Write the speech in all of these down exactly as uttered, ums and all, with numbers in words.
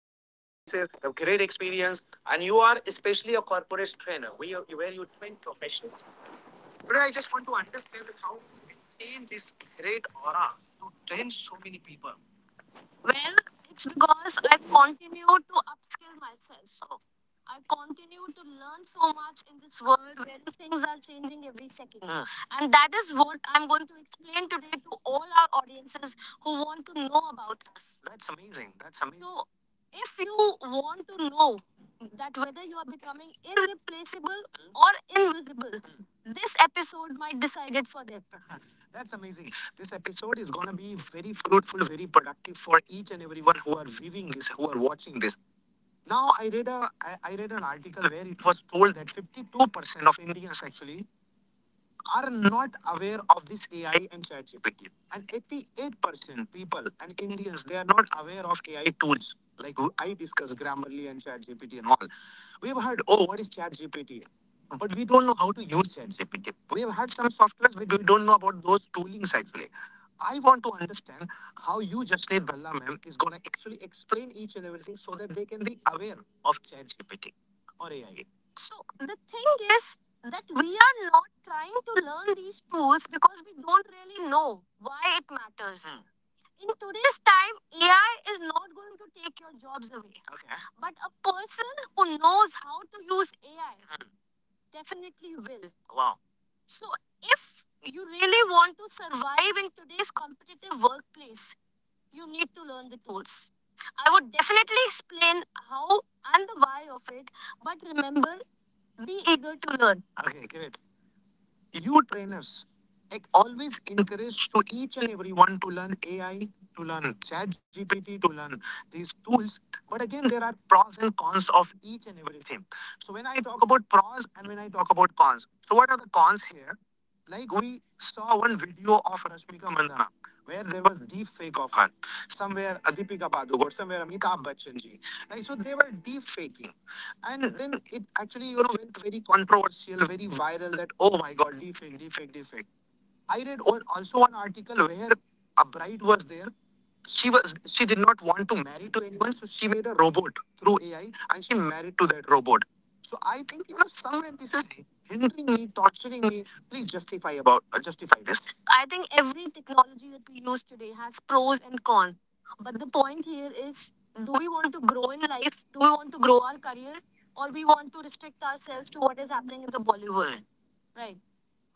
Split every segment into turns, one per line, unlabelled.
Sacrifices, the great experience, and you are especially a corporate trainer where you, where you train professionals. But I just want to understand that how you maintain this great aura to train so many people. Well, it's because I continue to upskill myself. So I continue to learn so much in this world where things are changing every second. Mm. And that is what I'm going to explain today to all our audiences who want to know about us. So, if you want to know that whether you are becoming irreplaceable or invisible, this episode might decide it for them. That's amazing. This episode is gonna be very fruitful, very productive for each and everyone who are viewing this, who are watching this. Now, I read a I, I read an article where it was told that fifty-two percent of Indians actually are not aware of this A I and ChatGPT. And eighty-eight percent people and Indians, they are not aware of A I tools. Like I discuss Grammarly and ChatGPT and all. We have heard, oh, what is ChatGPT? But we don't know how to use ChatGPT. We have had some softwares, but we don't know about those toolings actually. I want to understand how you, Jasneet Bhalla ma'am, is going to actually explain each and everything so that they can be aware of ChatGPT or A I. So the thing is, that we are not trying to learn these tools because we don't really know why it matters. Hmm. In today's time, A I is not going to take your jobs away. Okay. But a person who knows how to use A I definitely will. Wow. So if you really want to survive in today's competitive workplace, you need to learn the tools. I would definitely explain how and the why of it, but remember, be eager to learn. Okay, great. You trainers, I always encourage to each and everyone to learn A I, to learn ChatGPT, to learn these tools. But again, there are pros and cons of each and everything. So when I talk about pros and when I talk about cons, so what are the cons here? Like we saw one video of Rashmika Mandanna where there was deep fake of her. Somewhere Adipika Padukone, somewhere Amitabh Bachchan ji. Right? So they were deep faking. And then it actually, you know, went very controversial, very viral that, oh my God, defect, defect, defect. I read al- also an article where a bride was there to marry to anyone. So she made a robot through A I and she married to that, so I think you are somewhere. This is hindering me, torturing me. Please justify about uh, justify this. I think every technology that we use today has pros and cons. But the point here is, do we want to grow in life? Do we want to grow our career, or we want to restrict ourselves to what is happening in the Bollywood? Right.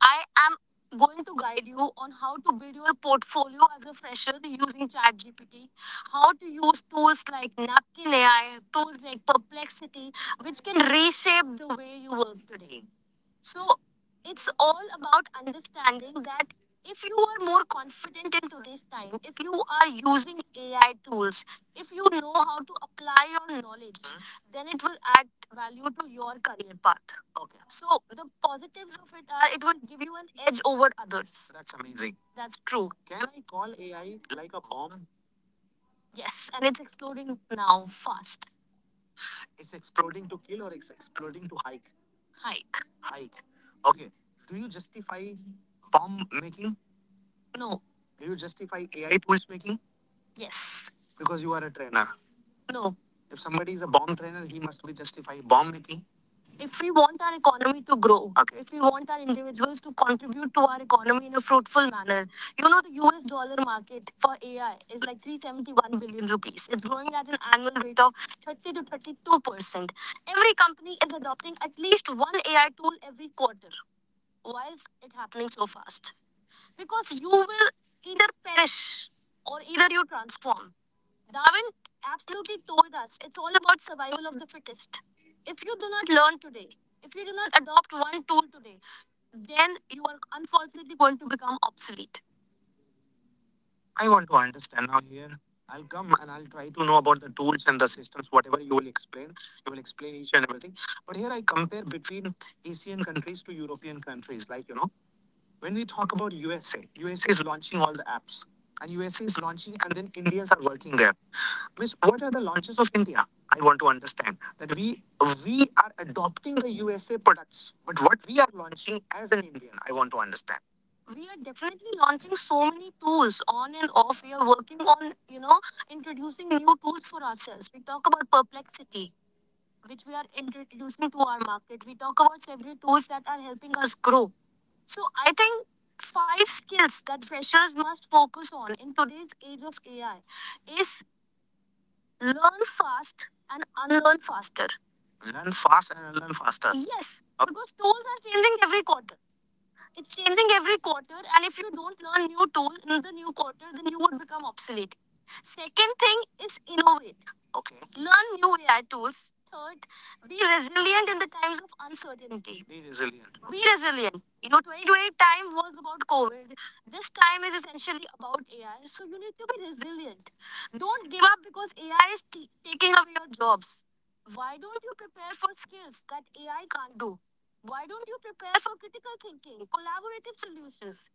I am going to guide you on how to build your portfolio as a fresher using ChatGPT, how to use tools like Napkin A I, tools like Perplexity, which can reshape the way you work today. So it's all about understanding that if you are more confident in today's time, if you are using A I tools, if you know how to apply your knowledge, mhm, then it will add value to your career path. Okay. So the positives of it are it will give you an edge over others. That's amazing. That's true. Can I call A I like a bomb? Yes, and it's exploding now fast. It's exploding to kill or it's exploding to hike? Hike. Hike. Okay. Do you justify bomb making? No. Do you justify A I tools making? Yes. Because you are a trainer. No. If somebody is a bomb trainer, he must be justify bomb making if we want our economy to grow, okay. If we want our individuals to contribute to our economy in a fruitful manner, you know, the U S dollar market for A I is like three hundred seventy-one billion rupees. It's growing at an annual rate of thirty to thirty-two percent. Every company is adopting at least one A I tool every quarter. Why is it happening so fast? Because you will either perish or either you transform. Darwin absolutely told us it's all about survival of the fittest. If you do not learn today, if you do not adopt one tool today, then you are unfortunately going to become obsolete. I want to understand now here. I'll come and I'll try to know about the tools and the systems, whatever you will explain. You will explain each and everything. But here I compare between Asian countries to European countries. Like, you know, when we talk about U S A, U S A is launching all the apps, and U S A is launching, and then Indians are working there. Which what are the launches of India? I want to understand that we we are adopting the U S A products, but what we are launching as an Indian, I want to understand. We are definitely launching so many tools on and off. We are working on, you know, introducing new tools for ourselves. We talk about perplexity, which we are introducing to our market. We talk about several tools that are helping us grow. So I think five skills that freshers must focus on in today's age of A I is learn fast and unlearn faster. Learn fast and unlearn faster. Yes, okay. Because tools are changing every quarter. It's changing every quarter, and if you don't learn new tool in the new quarter, then you would become obsolete. Second thing is innovate. Okay. Learn new A I tools. Third, be resilient in the times of uncertainty. Be resilient. Be resilient. You know, twenty twenty time was about COVID. This time is essentially about A I. So you need to be resilient. Don't give up because A I is t- taking away your jobs. Why don't you prepare for skills that A I can't do? Why don't you prepare for critical thinking, collaborative solutions?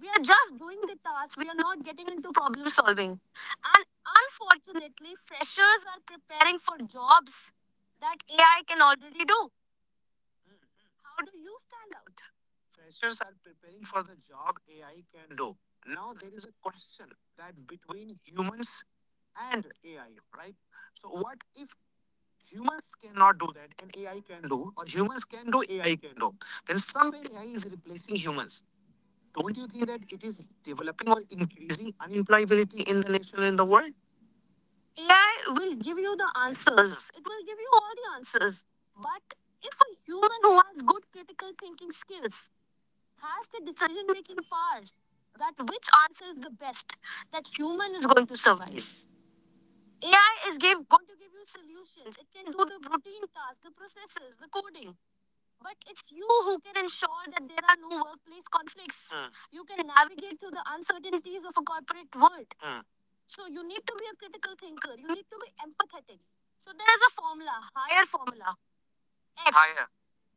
We are just doing the task, we are not getting into problem solving. And unfortunately, freshers are preparing for jobs that A I can already do. How do you stand out? Freshers are preparing for the job A I can do. Now there is a question that between humans and A I, right? So what if? Humans cannot do that, and A I can do, or humans can do, A I can do. Then way A I is replacing humans. Don't you think that it is developing or increasing unemployability in the nation and in the world? A I will give you the answers. It will give you all the answers. But if a human who has good critical thinking skills has the decision making power, that which answer is the best, that human is going to survive. A I is give, going to give you solutions. It can do the routine tasks, the processes, the coding. But it's you who can ensure that there are no workplace conflicts. Mm. You can navigate through the uncertainties of a corporate world. Mm. So you need to be a critical thinker. You need to be empathetic. So there's a formula, higher formula. H. Higher.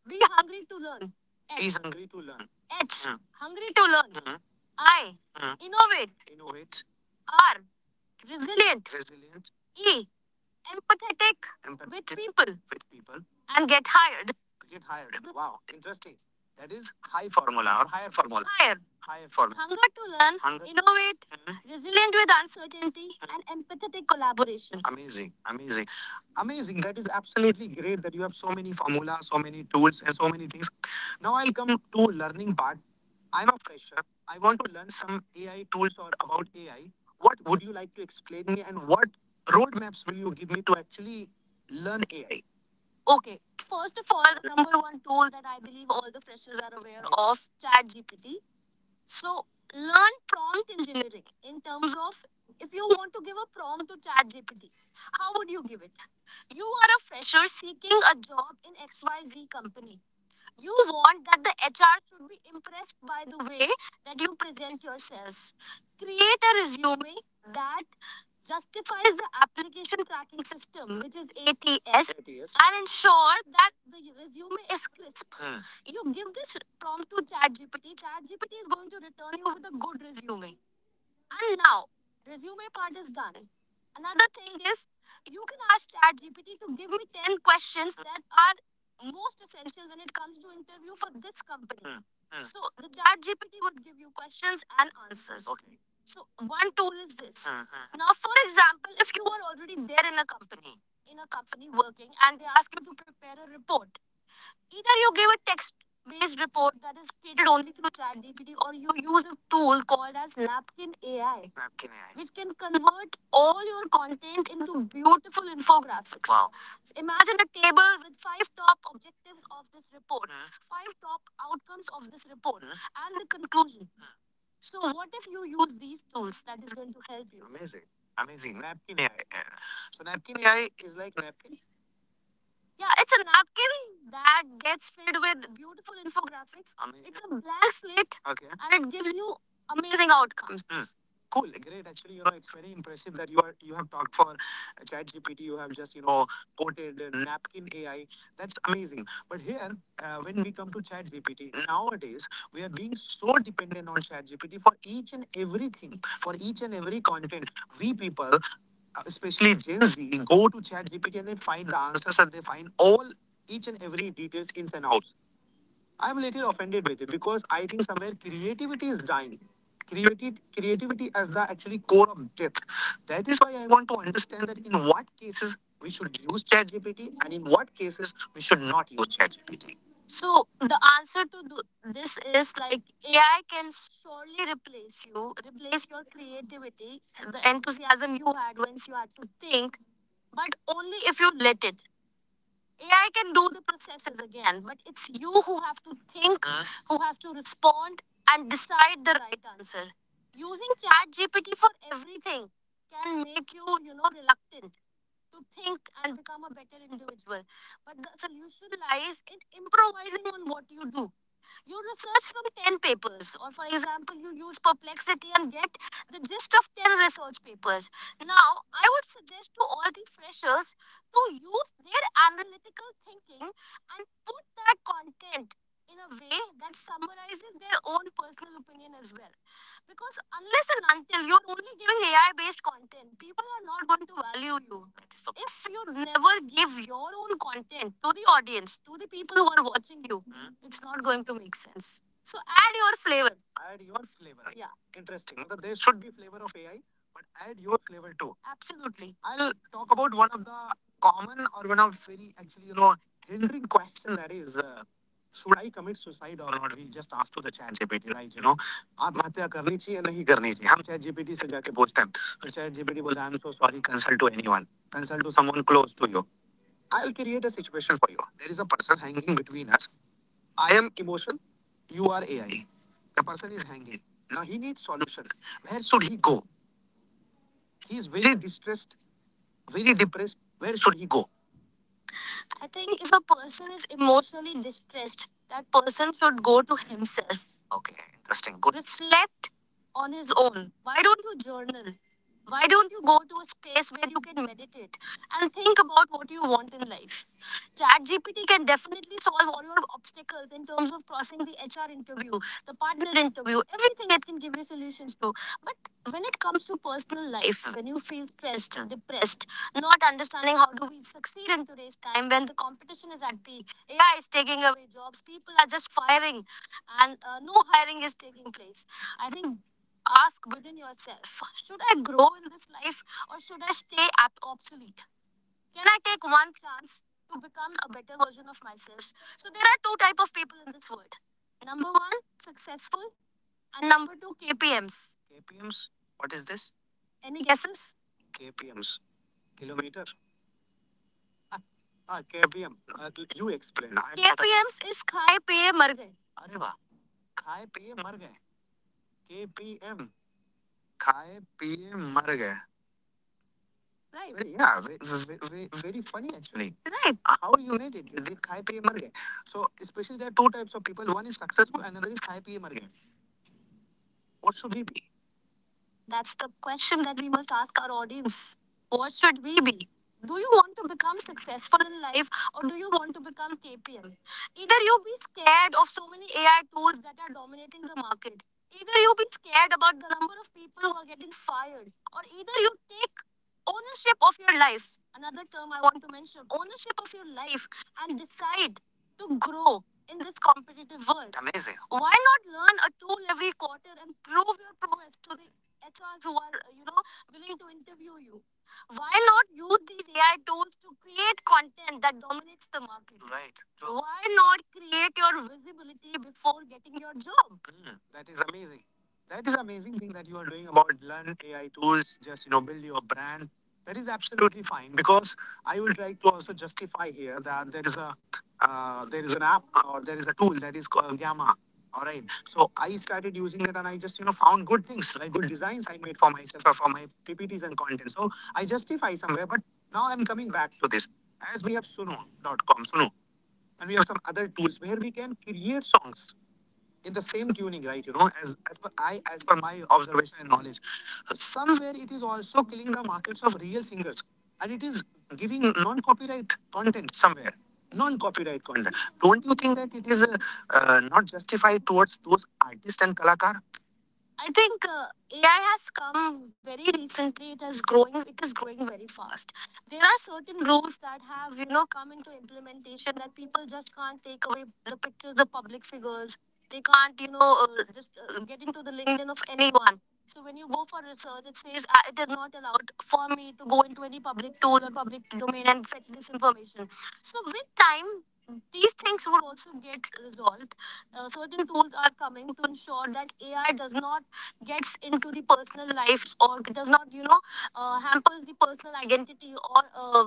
Be hungry to learn. H. Be hungry to learn. H. Mm. Hungry to learn. Mhm. I. Mm. Innovate. Innovate. R. Resilient. Resilient. E empathetic empathetic with people with people, and get hired. Get hired. Wow, interesting. That is high formula or higher formula. Higher. Higher formula. Hunger to learn, hunger, innovate, mhm, resilient with uncertainty, mm-hmm, and empathetic collaboration. Amazing, amazing, amazing. That is absolutely great that you have so many formulas, so many tools, and so many things. Now I'll come to learning part. I'm a fresher. I want to learn some A I tools or about A I. What would you like to explain me and what roadmaps will you give me to actually learn A I? Okay. First of all, the number one tool that I believe all the freshers are aware of, ChatGPT. So learn prompt engineering in terms of if you want to give a prompt to ChatGPT, how would you give it? You are a fresher seeking a job in X Y Z company. You want that the H R should be impressed by the way that you present yourselves. Create a resume that justifies the application tracking system, which is A T S, and ensure that the resume is crisp. Hmm. You give this prompt to ChatGPT, ChatGPT is going to return you with a good resume. And now, resume part is done. Another thing is, you can ask ChatGPT to give me ten questions that are most essential when it comes to interview for this company. Hmm, hmm. So the ChatGPT would give you questions and answers. Okay. So one tool is this. Hmm, hmm. Now, for example, if you are already there in a company, in a company working, and they ask you to prepare a report, either you give a text-based report that is created only through ChatGPT, or you use a tool called as Napkin A I, Napkin A I, which can convert all your content into beautiful infographics. Wow! So imagine a table with five top objectives of this report, hmm, five top outcomes of this report, hmm, and the conclusion. Hmm. So what if you use these tools? That is going to help you. Amazing. Amazing. Napkin A I. So napkin A I is like napkin. Yeah, it's a napkin that gets filled with beautiful infographics. Amazing. It's a blank slate, okay, and it gives you amazing outcomes. Mm. Cool, great. Actually, you know, it's very impressive that you are you have talked for uh, ChatGPT. You have just you know quoted uh, napkin A I. That's amazing. But here, uh, when we come to ChatGPT nowadays, we are being so dependent on ChatGPT for each and everything, for each and every content. We people, uh, especially Gen Z, go to ChatGPT and they find the answers and they find all each and every details ins and outs. I'm a little offended with it because I think somewhere creativity is dying. Creativity, creativity as the actually core of death. That is why I want to understand that in what cases we should use ChatGPT and in what cases we should not use ChatGPT. So the answer to th- this is like A I can surely replace you, replace your creativity, the enthusiasm you had once you had to think, but only if you let it. A I can do the processes again, but it's you who have to think, Uh. who has to respond, and decide the right answer. Using ChatGPT for everything can make you, you know, reluctant to think and become a better individual. But the solution lies in improvising on what you do. You research from ten papers, or for example, you use Perplexity and get the gist of ten research papers. Now, I would suggest to all the freshers to use their analytical thinking and put that content in a way that summarizes their own personal opinion as well. Because unless and until you're only giving A I based content, people are not going to value you. If you never give your own content to the audience, to the people who are watching you, hmm, it's not going to make sense. So add your flavor. Add your flavor. Yeah. Interesting. Although there should be flavor of A I, but add your flavor too. Absolutely. I'll talk about one of the common or one of very actually you know hindering question that is. Uh, should I commit suicide or not? We just asked to the chat G P T, right? You know, आत्महत्या करनी चाहिए या नहीं करनी चाहिए हम chat GPT से जाके पूछते हैं और चैट जीपीटी बोलता है I am so sorry consult to anyone consult to someone close to you I will create a situation for you there is a person hanging between us I am emotion you are AI the person is hanging now he needs solution where should he go he is very distressed very depressed where should he go I think if a person is emotionally distressed that person should go to himself okay. Good. Reflect on his own. Why don't you journal? Why don't you go to a space where you can meditate and think about what you want in life? ChatGPT can definitely solve all your obstacles in terms of crossing the H R interview, the partner interview, everything it can give you solutions to. But when it comes to personal life, when you feel stressed, depressed, not understanding how do we succeed in today's time when the competition is at the A I is taking away jobs, people are just firing, and uh, no hiring is taking place. I think ask within yourself, should I grow in this life or should I stay ab- obsolete? Can I take one chance to become a better version of myself? So there are two type of people in this world. Number one, successful, and number two, K P Ms. K P Ms? What is this? Any guesses? K P Ms. Kilometer. Ah, ah, K P M. Uh, you explain. I- K P Ms is Khai Piye Mar Gaye. अरे वाह खाए पिए मर गए K P M. खाए पिए मर गए. Right. Very- Yeah, ve- ve- ve- very funny actually. Right. How you made it? They खाए पिए मर गए. So especially there are two types of people. One is successful, another is खाए पिए मर गए. What should we be? That's the question that we must ask our audience. What should we be? Do you want to become successful in life or do you want to become K P M? Either you be scared of so many A I tools that are dominating the market, either you be scared about the number of people who are getting fired, or either you take ownership of your life. Another term I want to mention, ownership of your life, and decide to grow in this competitive world. Amazing. Why not learn a tool every quarter and prove your prowess to the H R's who are, uh, you know, willing to interview you. Why not use these A I tools to create content that dominates the market? Right. True. Why not create your visibility before getting your job? Mm, that is amazing. That is amazing thing that you are doing about learn A I tools. Just you know, build your brand. That is absolutely fine because I would like to also justify here that there is a uh, there is an app or there is a tool that is called Gamma. All right. So I started using it, and I just you know found good things like good designs I made for myself or for my P P Ts and content. So I justify somewhere, but now I'm coming back to this as we have suno dot com, Suno, and we have some other tools where we can create songs in the same tuning, right? You know, as as per I as per my observation and knowledge, somewhere it is also killing the markets of real singers, and it is giving non-copyright content somewhere. Non-copyright content. Don't you think that it is uh, uh, not justified towards those artists and kalakars? I think uh, A I has come very recently. It is growing. It is growing very fast. There are certain rules that have you know come into implementation that people just can't take away the pictures of public figures. They can't you know uh, just uh, get into the LinkedIn of anyone. So when you go for research, it says uh, it is not allowed for me to go into any public tool or public domain and fetch this information. So with time, these things would also get resolved. Uh, certain tools are coming to ensure that A I does not gets into the personal lives or does not, you know, uh, hampers the personal identity or uh,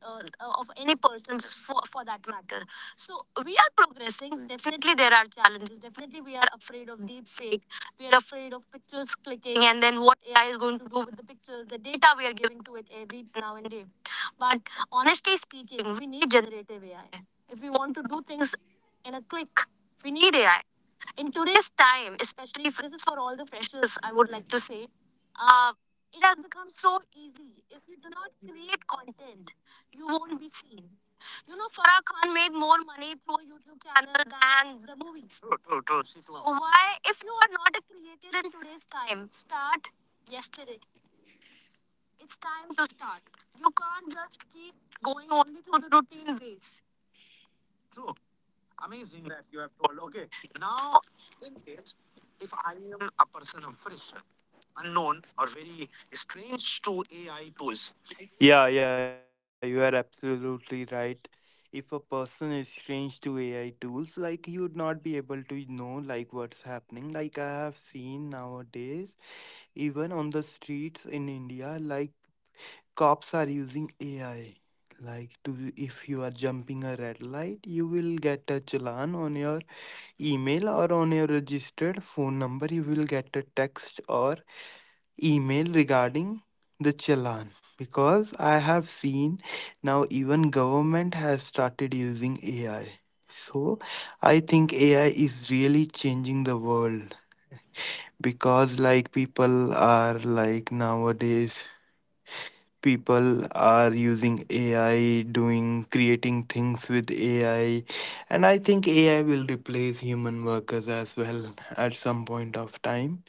uh, uh, of any person for, for that matter. So we are progressing. Definitely there are challenges. Definitely we are afraid of deep fake. We are afraid of pictures clicking and then what A I is going to do with the pictures, the data we are giving to it every now and day. But honestly speaking, we need generative A I. If we want to do things in a click, we need A I. In today's time, especially if this is for all the freshers, I would like to say, uh, it has become so easy. If you do not create content, you won't be seen. You know, Farah Khan made more money through a YouTube channel than the movies. True, true, true. So why, if you are not a creator in today's time, start yesterday. It's time to start. You can't just keep going only through the routine ways. True. Amazing that you have told. Okay, now in case if I am a person of fresh, unknown, or very strange to A I tools. Yeah, yeah, you are absolutely right. If a person is strange to A I tools, like he would not be able to know like what's happening. Like I have seen nowadays, even on the streets in India, like cops are using A I. Like to if you are jumping a red light, you will get a challan on your email or on your registered phone number you will get a text or email regarding the challan because I have seen now even government has started using AI. So I think AI is really changing the world because like people are like nowadays people are using AI doing creating things with AI, and I think AI will replace human workers as well at some point of time.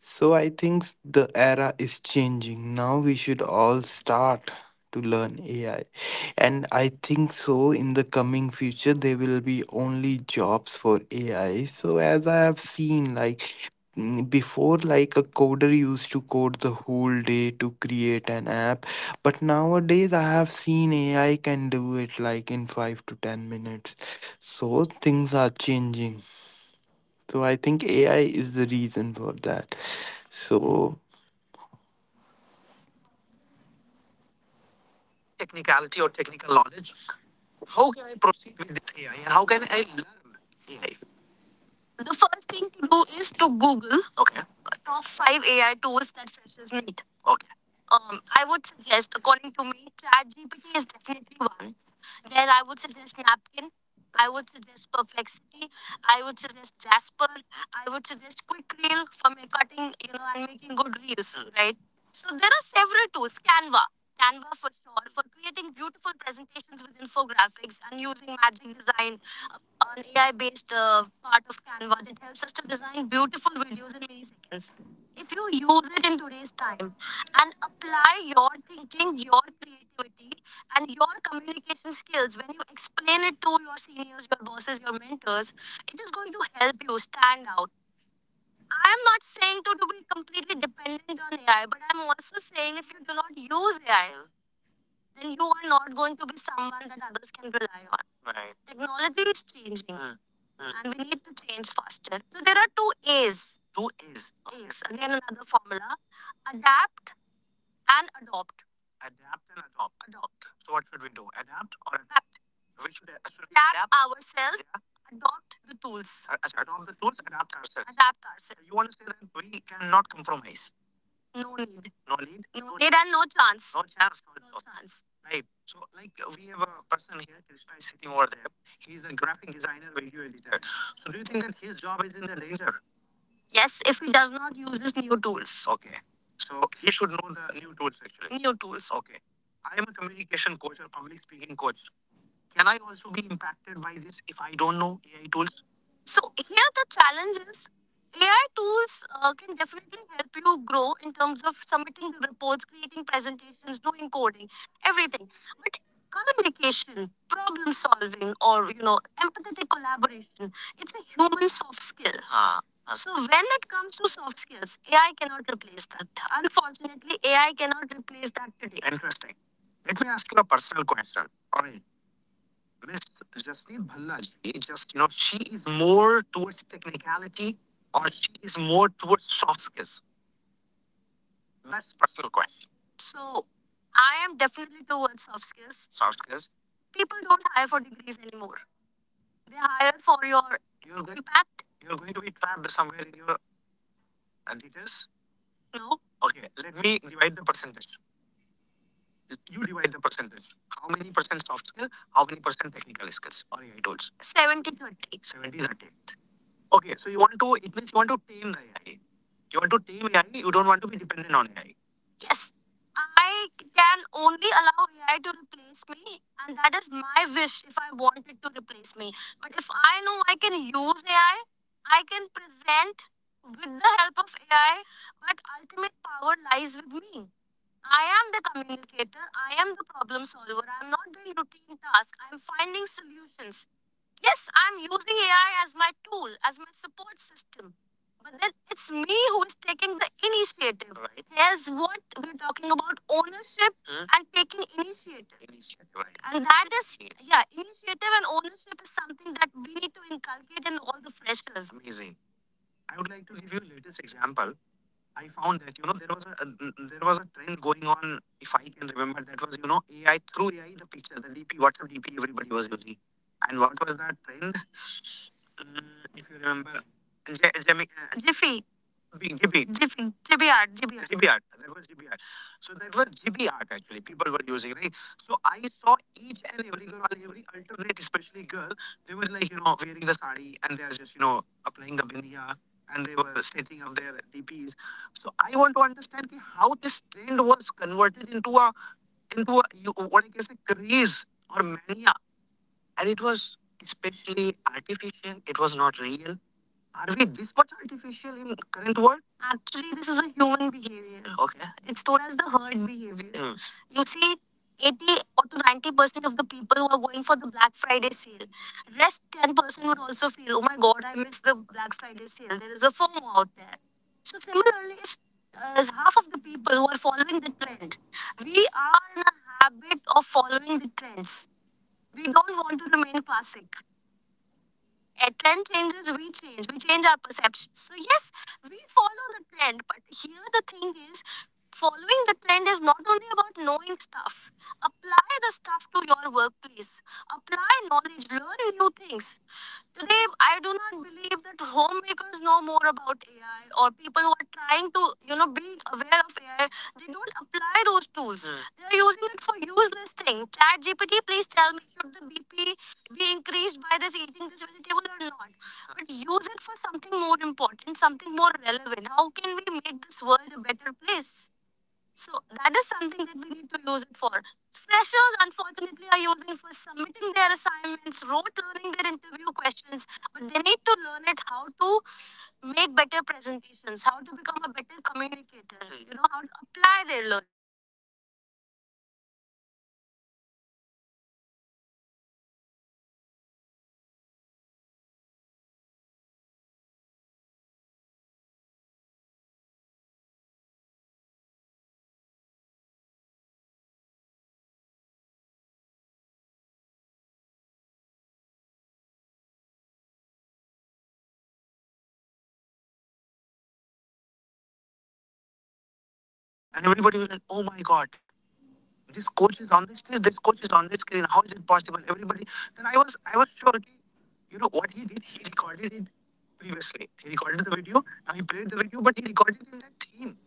So I think the era is changing. Now we should all start to learn A I. And I think so in the coming future there will be only jobs for A I. So as I have seen, like mm, before, like, a coder used to code the whole day to create an app, but nowadays I have seen AI can do it like in five to ten minutes. So things are changing, so I think A I is the reason for that. So technicality or technical knowledge. How can I proceed with this A I and how can I learn A I? The first thing to do is to Google, okay, top five A I tools that freshers need. Okay. Um, I would suggest, according to me, ChatGPT is definitely one. Then I would suggest Napkin. I would suggest Perplexity. I would suggest Jasper. I would suggest Quick Reel for my cutting, you know, and making good reels, right? So there are several tools. Canva. Canva for sure for creating beautiful presentations with infographics and using magic design, an A I-based uh, part of Canva that helps us to design beautiful videos in milliseconds. If you use it in today's time and apply your thinking, your creativity, and your communication skills when you explain it to your seniors, your bosses, your mentors, it is going to help you stand out. I am not saying to, to be completely dependent on A I, but I'm also saying if you do not use A I, then you are not going to be someone that others can rely on. Right. Technology is changing. Mm. Mm. And we need to change faster. So there are two A's. Two A's. A's. Again, another formula. Adapt and adopt. Adapt and adopt. Adopt. So what should we do? Adapt or adapt? We should, should we adapt, adapt ourselves. Yeah. Adopt the tools. Uh, adopt the tools. Adapt ourselves. Adapt ourselves. You want to say that we cannot compromise. No lead. No lead? No lead and no chance. No chance. No no chance. Right. So, like, uh, we have a person here, Krishna is sitting over there. He's a graphic designer, video editor. So, do you think that his job is in the danger? Yes, if he does not use these new tools. Okay. So, he should know the new tools actually. New tools. Okay. I am a communication coach or public speaking coach. Can I also be impacted by this if I don't know A I tools? So here the challenge is, A I tools uh, can definitely help you grow in terms of submitting reports, creating presentations, doing coding, everything. But communication, problem solving, or, you know, empathetic collaboration, it's a human soft skill. Ah. So when it comes to soft skills, A I cannot replace that. Unfortunately, A I cannot replace that today. Interesting. Let me ask you a personal question. All right. Miss Jasleen Bhallaji, just, you know, she is more towards technicality or she is more towards soft skills? That's personal question. So I am definitely towards soft skills. Soft skills. People don't hire for degrees anymore. They hire for your you're going, impact. You're going to be trapped somewhere in your uh, details. No. Okay, let me divide the percentage. You divide the percentage. How many percent soft skill? How many percent technical skills or A I tools? Seventy thirty. Seventy thirty. Okay, so you want to, it means you want to tame the A I. You want to tame A I, you don't want to be dependent on A I. Yes. I can only allow A I to replace me, and that is my wish if I want it to replace me. But if I know I can use A I, I I can present with the help of A I, but ultimate power lies with me. I am the communicator, I am the problem solver, I'm not doing routine tasks, I'm finding solutions. Yes, I'm using A I as my tool, as my support system. But then it's me who is taking the initiative. Right. Here's what we're talking about, ownership. Hmm. And taking initiative. Initiative, right. And that is, yeah, initiative and ownership is something that we need to inculcate in all the freshers. Amazing. I would like to give you a latest example. I found that, you know, there was a uh, mm, there was a trend going on, if I can remember, that was, you know, A I, through A I, the picture, the DP, WhatsApp D P, everybody was using. And what was that trend? uh, if you remember, Je- Jimmy, uh, Jiffy. Big Jiffy. Jiffy. Jiffy art. Jiffy art. Jiffy art. That was Jiffy art. So that was Jiffy art actually. People were using, right? So I saw each and every girl, every alternate, especially girl, they were like, you know, wearing the sari and they are just, you know, applying the bindiya and they were setting up their D Ps. So I want to understand कि how this trend was converted into a, into a, you, what I can say, craze or mania, and it was especially artificial. It was not real. Are we this much artificial in current world? Actually, this is a human behavior. Okay. It's told as the herd behavior. Hmm. You see, eighty or to ninety percent of the people who are going for the Black Friday sale, rest ten percent would also feel, oh my God, I missed the Black Friday sale. There is a FOMO out there. So similarly, it's, uh, half of the people who are following the trend, we are in a habit of following the trends. We don't want to remain classic. A trend changes, we change. We change our perception. So yes, we follow the trend. But here the thing is, following the trend is not only about knowing stuff. Apply the stuff to your workplace. Apply knowledge. Learn new things. Today, I do not believe that homemakers know more about A I or people who are trying to, you know, be aware of A I. They don't apply those tools. Mm. They are using it for useless things. Chat G P T, please tell me, should the B P be increased by this eating this vegetable or not? But use it for something more important, something more relevant. How can we make this world a better place? So that is something that we need to use it for. Freshers, unfortunately, are using for submitting their assignments, rote learning their interview questions, but they need to learn it how to make better presentations, how to become a better communicator, you know, how to apply their learning.
Like, oh my god, this coach is on the stage, this coach is on the screen. How is it possible? Everybody. Then I was, I was sure. Okay, you know what he did? He recorded it previously. He recorded the video. Now he played the video, but he recorded it in that theme.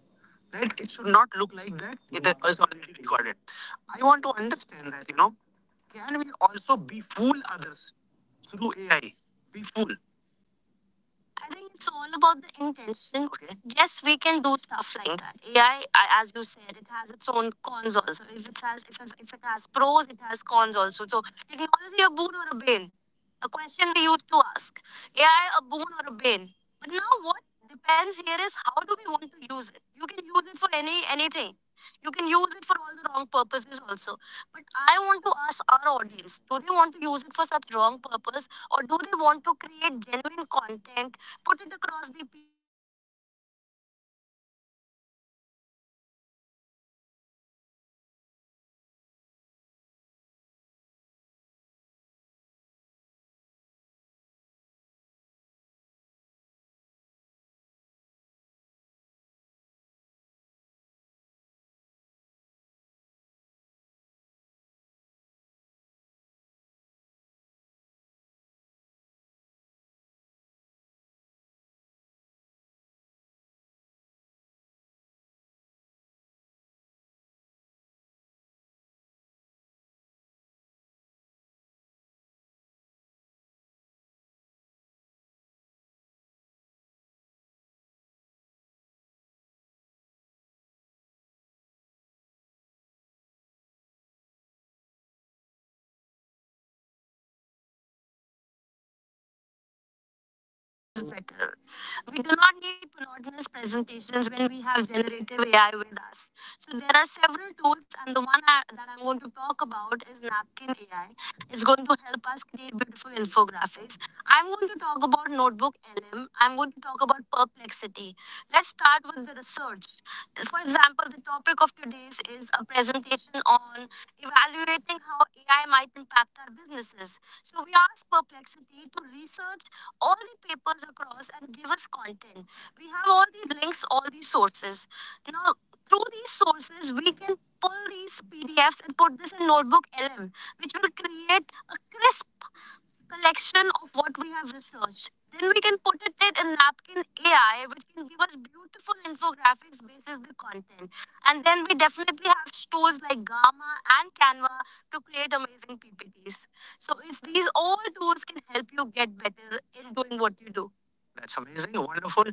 That it should not look like that. It is already recorded. I want to understand that. You know, can we also befool others through A I? Befool. I think it's all about the intention. Okay. Yes, we can do stuff like that. A I, as you said, it has its own cons also. If it has, if, if it has pros, it has cons also. So, technology a boon or a bane? A question we used to ask. A I a boon or a bane? But now what depends here is how do we want to use it? You can use it for any anything. You can use it for all the wrong purposes also. But I want to ask our audience: do they want to use it for such wrong purpose, or do they want to create genuine content, put it across the— We do not need monotonous presentations when we have generative A I with us. So there are several tools, and the one I- that I'm going to talk about is Napkin A I. It's going to help us create beautiful infographics. I'm going to talk about Notebook L M. I'm going to talk about Perplexity. Let's start with the research. For example, the topic of today's is a presentation on evaluating how A I might impact our businesses. So we asked Perplexity to research all the papers across and give us content. We have all the links, all the sources. Now, through these sources, we can pull these P D Fs and put this in Notebook L M, which will create a crisp collection of what we have researched. Then we can put it in Napkin A I, which can give us beautiful infographics based on the content. And then we definitely have stores like Gamma and Canva to create amazing P P Ts. So it's, these all tools can help you get better in doing what you do. That's amazing, wonderful.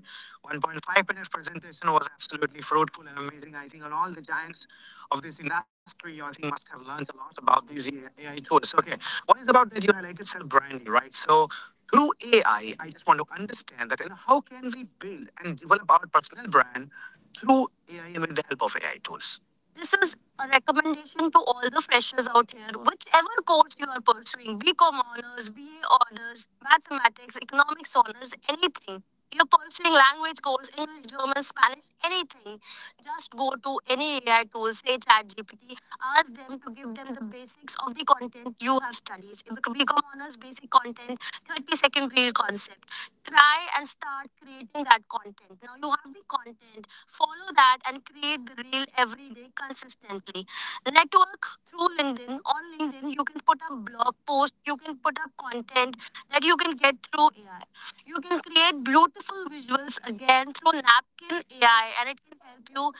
one point five minute presentation was absolutely fruitful and amazing. I think on all the giants of this industry, you I think must have learned a lot about these A I tools. So, okay, one is about that you highlighted self-branding, right? So through A I, I I just want to understand that, and how can we build and develop our personal brand through A I and with the help of A I tools? This is a recommendation to all the freshers out here. Whichever course you are pursuing, B Com honors, B A honors, mathematics, economics honors, anything. You're pursuing language course, English, German, Spanish, anything. Just go to any A I tool, say Chat G P T, ask them to give them the basics of the content you have studied. If become honors basic content, thirty second real concept. Try and start creating that content. Now you have the content, follow that and create the reel every day consistently. Network through LinkedIn. On LinkedIn, you can put up blog posts. You can put up content that you can get through A I. You can create beautiful visuals again through Napkin A I, and it can help you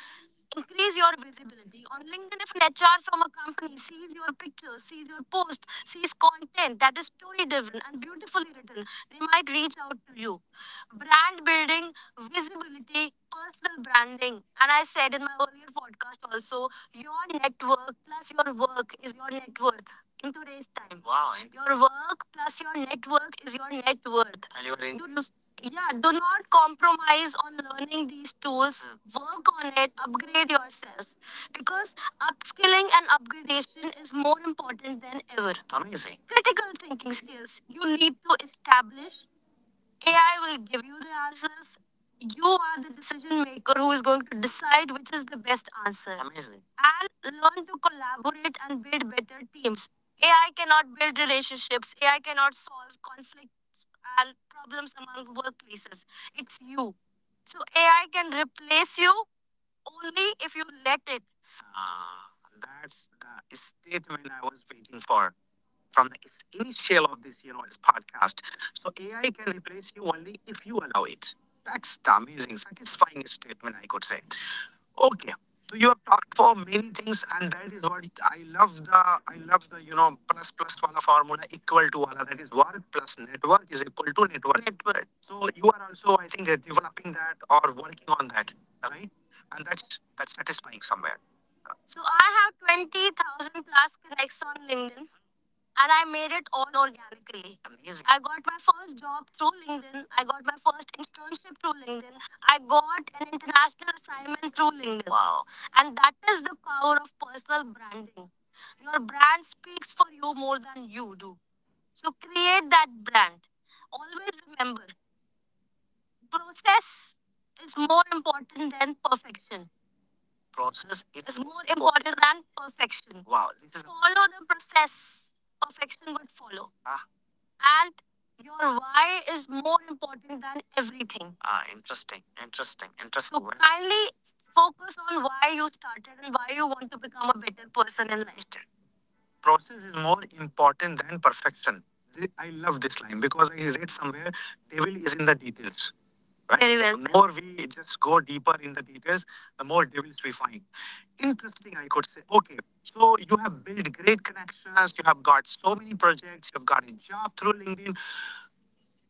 increase your visibility on LinkedIn. If an H R from a company sees your pictures, sees your post, sees content that is story driven and beautifully written, they might reach out to you. Brand building, visibility, personal branding. And I said in my earlier podcast also, your network plus your work is your net worth in today's time. Wow. Your work plus your network is your net worth. And your in- do, you- just, yeah, do not compromise on learning these tools. Hmm. Work on it, upgrade yourselves. Because upskilling and upgradation is more important than ever. Amazing. Critical thinking skills you need to establish. A I will give you the answers. You are the decision maker who is going to decide which is the best answer. Amazing. And learn to collaborate and build better teams. A I cannot build relationships. A I cannot solve conflicts and problems among workplaces. It's you. So A I can replace you only if you let it. Ah, that's the statement I was waiting for from the initial of this, you know, this podcast. So A I can replace you only if you allow it. That's the amazing, satisfying statement I could say. Okay. So you have talked for many things, and that is what it- I love. The I love the you know plus plus wala formula equal to wala, that is work plus network is equal to network. network. So you are also I think uh, developing that or working on that, right? And that's that's satisfying somewhere. So I have twenty thousand plus connects on LinkedIn, and I made it all organically. Amazing. I got my first job through LinkedIn. I got my first internship through LinkedIn. I got an international assignment through LinkedIn. Wow. And that is the power of personal branding. Your brand speaks for you more than you do. So create that brand. Always remember, process is more important than perfection. Process is is more important than perfection. Wow, this is, follow the process. Perfection would follow. Ah, and your why is more important than everything. Ah, interesting, interesting, interesting. So Well- kindly focus on why you started and why you want to become a better person in life. Process is more important than perfection. Th- I love this line because I read somewhere, devil is in the details. Right? Very well. So the more we just go deeper in the details, the more devils we find. Interesting, I could say. Okay, so you have built great connections, you have got so many projects, you've got a job through LinkedIn,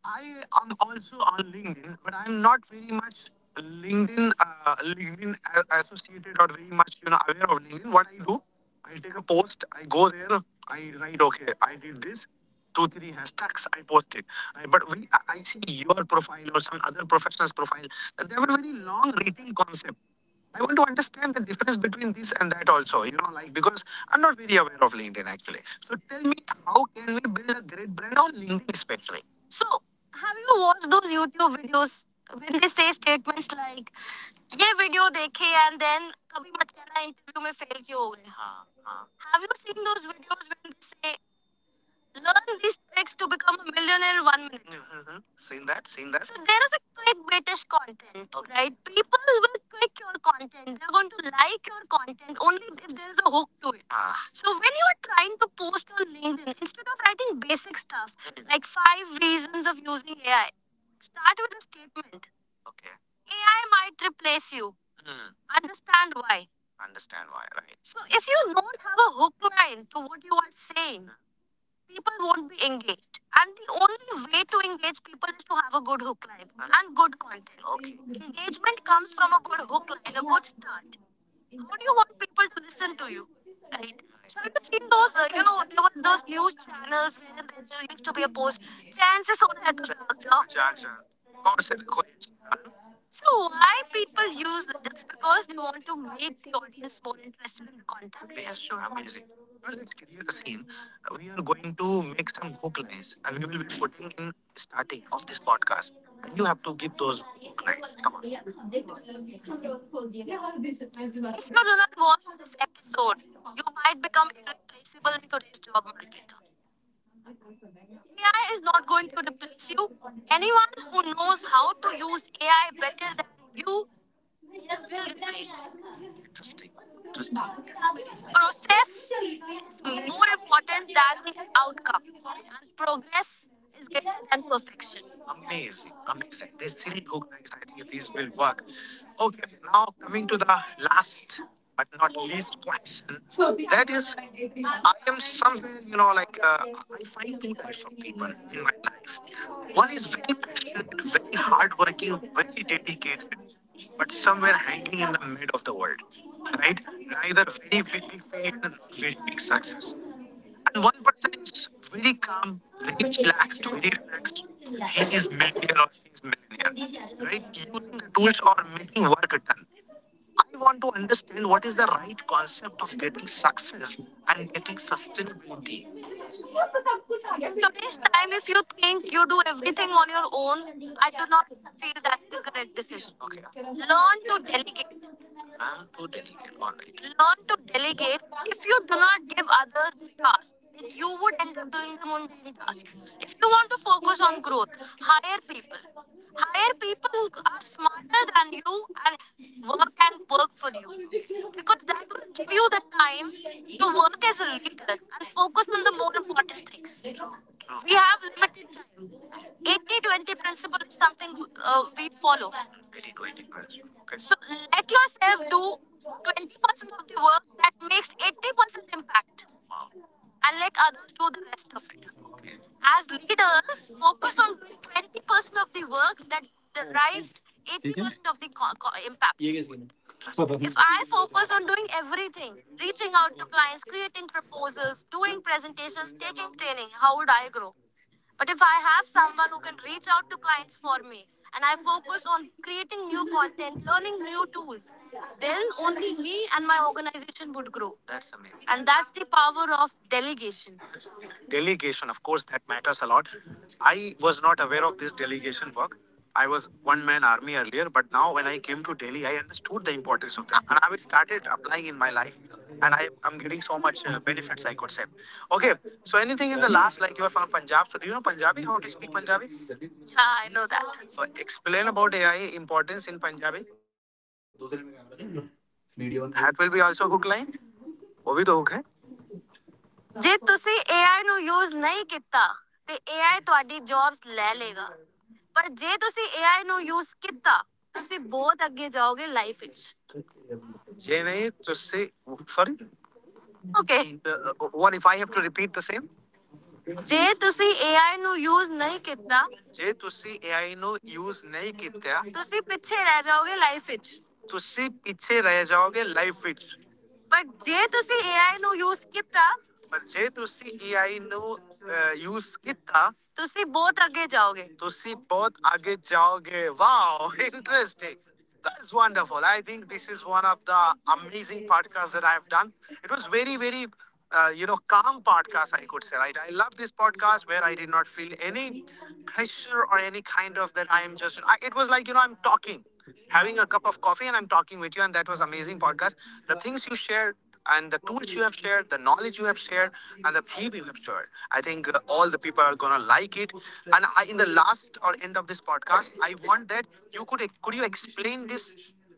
I am also on LinkedIn, but I'm not very much LinkedIn uh, LinkedIn a- associated or very much you know aware of LinkedIn. What I do, I take a post, I go there, I write, okay, I did this, two three hashtags, I post it. I- but when I I see your profile or some other professional's profile, they have a very long written concept. I want to understand the difference between this and that also, you know, like, because I'm not very aware of LinkedIn actually. So tell me, how can we build a great brand on LinkedIn especially? So, have you watched those YouTube videos when they say statements like, ये video देखे and then कभी मत कहना interview में fail क्यों हो गए हाँ हाँ have you seen those videos when they say learn these tricks to become a millionaire in one minute. Mm-hmm. Seen that? Seen that? So there is a clickbaitish content, okay, right? People will click your content. They're going to like your content only if there is a hook to it. Ah. So when you are trying to post on LinkedIn, instead of writing basic stuff, mm, like five reasons of using A I, start with a statement. Okay. A I might replace you. Hmm. Understand why. Understand why, right? So if you don't have a hook line to what you are saying, people won't be engaged. And the only way to engage people is to have a good hook line and good content. Okay. Engagement comes from a good hook line, a good start. How do you want people to listen to you? Right? So have you seen those, uh, you know, there were those news channels where there used to be a post, chances on hai to, so why people use it? It's because they want to make the audience more interested in content. Yes, sure, amazing. Now let's create a scene. Uh, We are going to make some hook lines and we will be putting in starting of this podcast. And you have to give those hook lines. Come on. If you do not watch this episode, you might become irreplaceable in today's job market. A I is not going to replace you. Anyone who knows how to use A I better than you. Interesting. Interesting. Process is more important than the outcome, and progress is greater than perfection. Amazing, amazing. There's three book guys. I think these will work. Okay, now coming to the last but not least question. That is, I am somewhere, you know, like uh, I find two types of people in my life. One is very passionate, very hardworking, very dedicated but somewhere hanging in the mid of the world, right? Neither very big failure nor very big success. And one person is very calm, very chillaxed, very relaxed. He is millionaire or she is millionaire, right? Using the tools or making work done. I want to understand what is the right concept of getting success and getting sustainability. Today's time, if you think you do everything on your own, I do not feel that's the correct decision. Okay. Learn to delegate. Learn to delegate. All right. Learn to delegate. If you do not give others the task, then you would end up doing the mundane task. If you want to focus on growth, hire people. Hire people who are smarter than you and work and work for you. Because that will give you the time to work as a leader and focus on the more important things. We have limited time. eighty twenty principle is something uh, we follow. eighty twenty principle. Okay. So let yourself do twenty percent of the work that makes eighty percent impact. Wow. And let others do the rest of it. As leaders, focus on doing twenty percent of the work that derives eighty percent of the co- co- impact. If I focus on doing everything, reaching out to clients, creating proposals, doing presentations, taking training, how would I grow? But if I have someone who can reach out to clients for me and I focus on creating new content, learning new tools, then only me and my organization would grow. That's amazing. And that's the power of delegation. Delegation, of course, that matters a lot. I was not aware of this delegation work. I was one man army earlier, but now when I came to Delhi, I understood the importance of that, and I have started applying in my life, and I am getting so much uh, benefits. I could say. Okay, so anything in the last, like you are from Punjab, so do you know Punjabi? How to speak Punjabi? Yeah, I know that. So explain about A I importance in Punjabi. That will be also hook line. वो भी तो hook है. जे तुसी A I no use नहीं किता, ते A I तवाडी jobs लेलेगा, पर जे तुसी A I नो यूज किता, तुसी बहुत अग्य जाओगे लाइफिछ. जे नहीं, तुसी… फरी? Okay. What if I have to repeat the same? What if I have to repeat the same? जे तुसी A I नो use नहीं किता। जे तुसी A I नो use नहीं कित्या। तुसी पीछे रह जाओगे life edge। तुसी पीछे रह जाओगे life edge। But जे तुसी A I नो use किता? But जे तुसी A I नो use किता? ਤੁਸੀਂ ਬਹੁਤ ਅੱਗੇ ਜਾਓਗੇ ਤੁਸੀਂ ਬਹੁਤ ਅੱਗੇ ਜਾਓਗੇ. Wow, interesting. That's wonderful. I think this is one of the amazing podcasts that I have done. It was very very uh, you know calm podcast I could say, right? I love this podcast where I did not feel any pressure or any kind of that. I am just I, It was like, you know I'm talking, having a cup of coffee and I'm talking with you, and that was amazing podcast. The things you shared and the tools you have shared, the knowledge you have shared, and the theme you have shared, I think uh, all the people are gonna like it. And I, in the last or end of this podcast, I want that you could could you explain this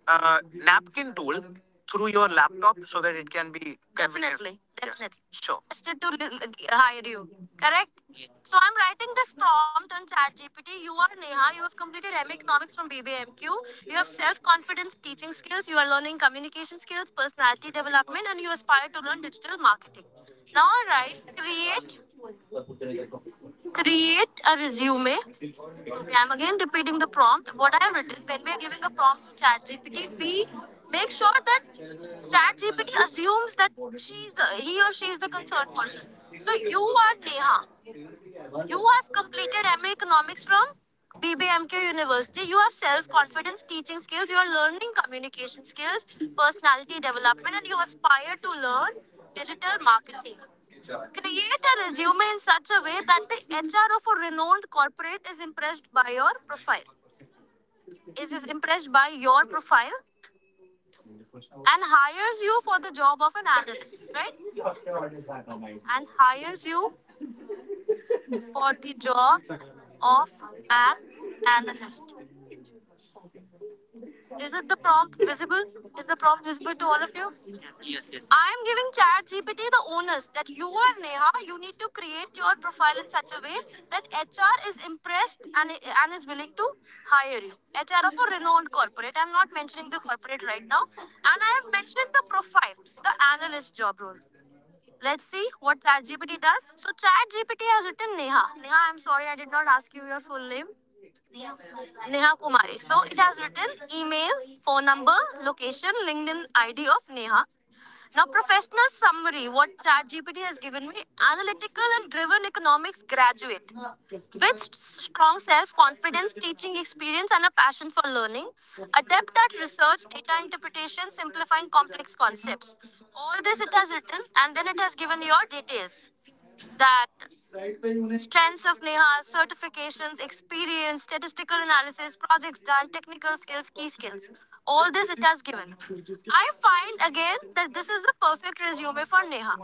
uh, napkin tool through your laptop so that it can be effective. Definitely. Yes, definitely. Sure. Tested to hire you. Correct? Yes. So I'm writing this prompt on ChatGPT. You are Neha. You have completed M A Economics from B B M Q. You have self-confidence teaching skills. You are learning communication skills, personality development, and you aspire to learn digital marketing. Now I write create create a resume. Okay, I'm again repeating the prompt. What I have written, when we are giving a prompt to ChatGPT, we make sure that ChatGPT assumes that she's the, he or she is the concerned person. So you are Neha. You have completed M A Economics from B B M Q University. You have self-confidence, teaching skills. You are learning communication skills, personality development, and you aspire to learn digital marketing. Create a resume in such a way that the H R of a renowned corporate is impressed by your profile. Is is impressed by your profile and hires you for the job of an analyst, right? And hires you for the job of an analyst. Is it the prompt visible? Is the prompt visible to all of you? I'm giving ChatGPT the onus that you are Neha. You need to create your profile in such a way that H R is impressed and, and is willing to hire you. H R of a renowned corporate. I'm not mentioning the corporate right now. And I have mentioned the profile, the analyst job role. Let's see what ChatGPT does. So ChatGPT has written Neha. Neha, I'm sorry I did not ask you your full name. Neha Kumari. So it has written email, phone number, location, LinkedIn I D of Neha. Now, professional summary what ChatGPT has given me, analytical and driven economics graduate with strong self confidence, teaching experience, and a passion for learning, adept at research, data interpretation, simplifying complex concepts. All this it has written, and then it has given your details that strengths of Neha, certifications, experience, statistical analysis, projects done, technical skills, key skills. All this it has given. I find again that this is the perfect resume for Neha.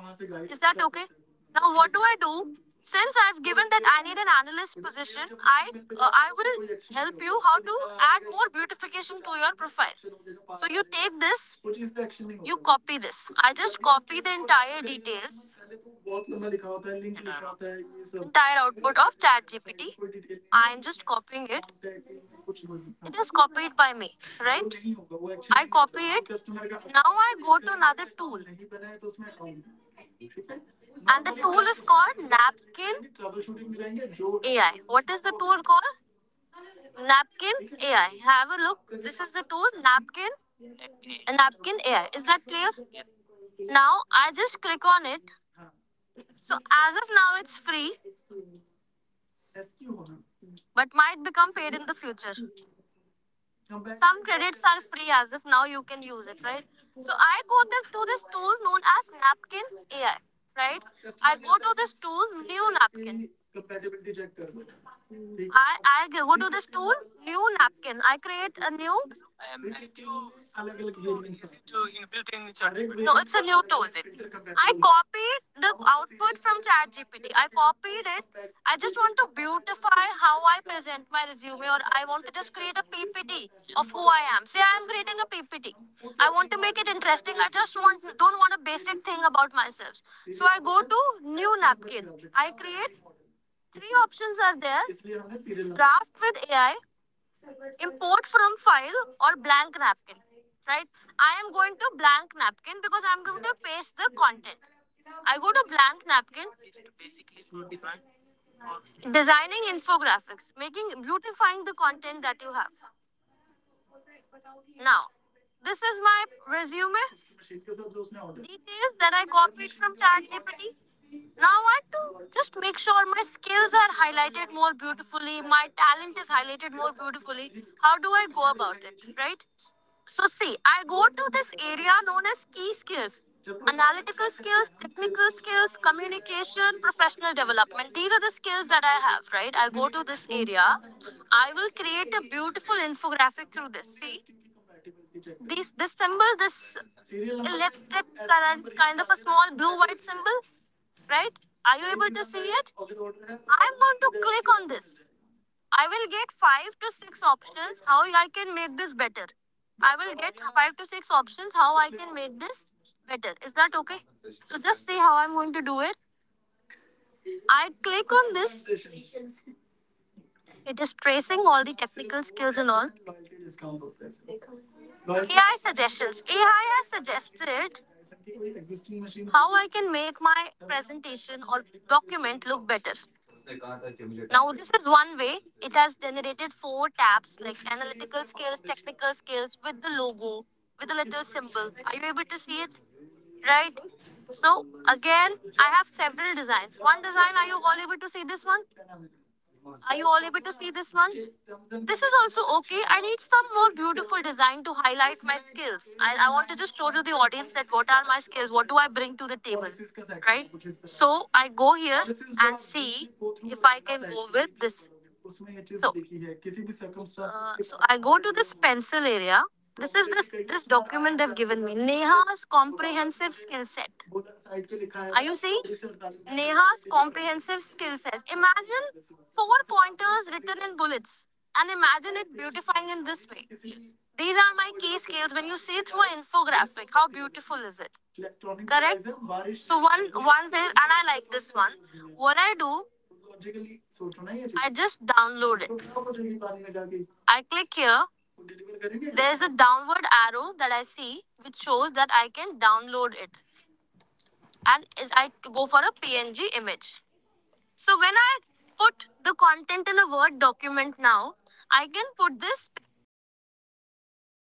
Is that okay? Now what do I do? Since I've given that I need an analyst position, I uh, I will help you how to add more beautification to your profile. So you take this, you copy this. I just copy the entire details, entire output of ChatGPT. I am just copying it. It is copied by me, right? I copy it. Now I go to another tool. And the tool is called Napkin A I. What is the tool called? Napkin A I. Have a look. This is the tool Napkin Napkin A I. Is that clear? Now I just click on it. So as of now it's free, but might become paid in the future. Some credits are free as of now, you can use it, right? So I go this to this tool known as Napkin A I, right? I go to this tool new napkin. I I go to this tool new napkin. I create a new. No, it's a new tool. I copied the output from ChatGPT. I copied it. I just want to beautify how I present my resume, or I want to just create a P P T. Who I am. Say I am creating a P P T. I want to make it interesting. I just want don't want a basic thing about myself. So I go to new napkin. I create, three options are there. Draft with A I, import from file or blank napkin, right? I am going to blank napkin because I'm going to paste the content. I go to blank napkin. Designing infographics, making, beautifying the content that you have. Now this is my resume details that I copied from ChatGPT. Now I want to just make sure my skills are highlighted more beautifully, my talent is highlighted more beautifully. How do I go about it, right? So see, I go to this area known as key skills. Analytical skills, technical skills, communication, professional development. These are the skills that I have, right? I go to this area. I will create a beautiful infographic through this. See, these this symbol, this left current kind of a small blue white symbol, right? Are you able to see it? I'm going to click on this. I will get five to six options how I can make this better. I will get five to six options how I can make this better. Is that okay? So just see how I'm going to do it. I click on this. It is tracing all the technical skills and all. A I suggestions. A I has suggested how I can make my presentation or document look better. Now, this is one way. It has generated four tabs like analytical skills, technical skills, with the logo, with a little symbol. Are you able to see it? Right? So, again, I have several designs. One design, are you all able to see this one? Are you all able to see this one? This is also okay. I need some more beautiful design to highlight my skills. I, I want to just show to the audience that what are my skills, what do I bring to the table, right? So I go here and see if I can go with this. So, uh, so I go to this pencil area. This is this this document they've given me. Neha's comprehensive skill set. Are you seeing? Neha's comprehensive skill set. Imagine four pointers written in bullets and imagine it beautifying in this way. These are my key skills. When you see through an infographic, how beautiful is it? Correct? So one one thing, and I like this one. What I do, I just download it. I click here. There's a downward arrow that I see, which shows that I can download it. And is- I go for a P N G image. So when I put the content in a Word document now, I can put this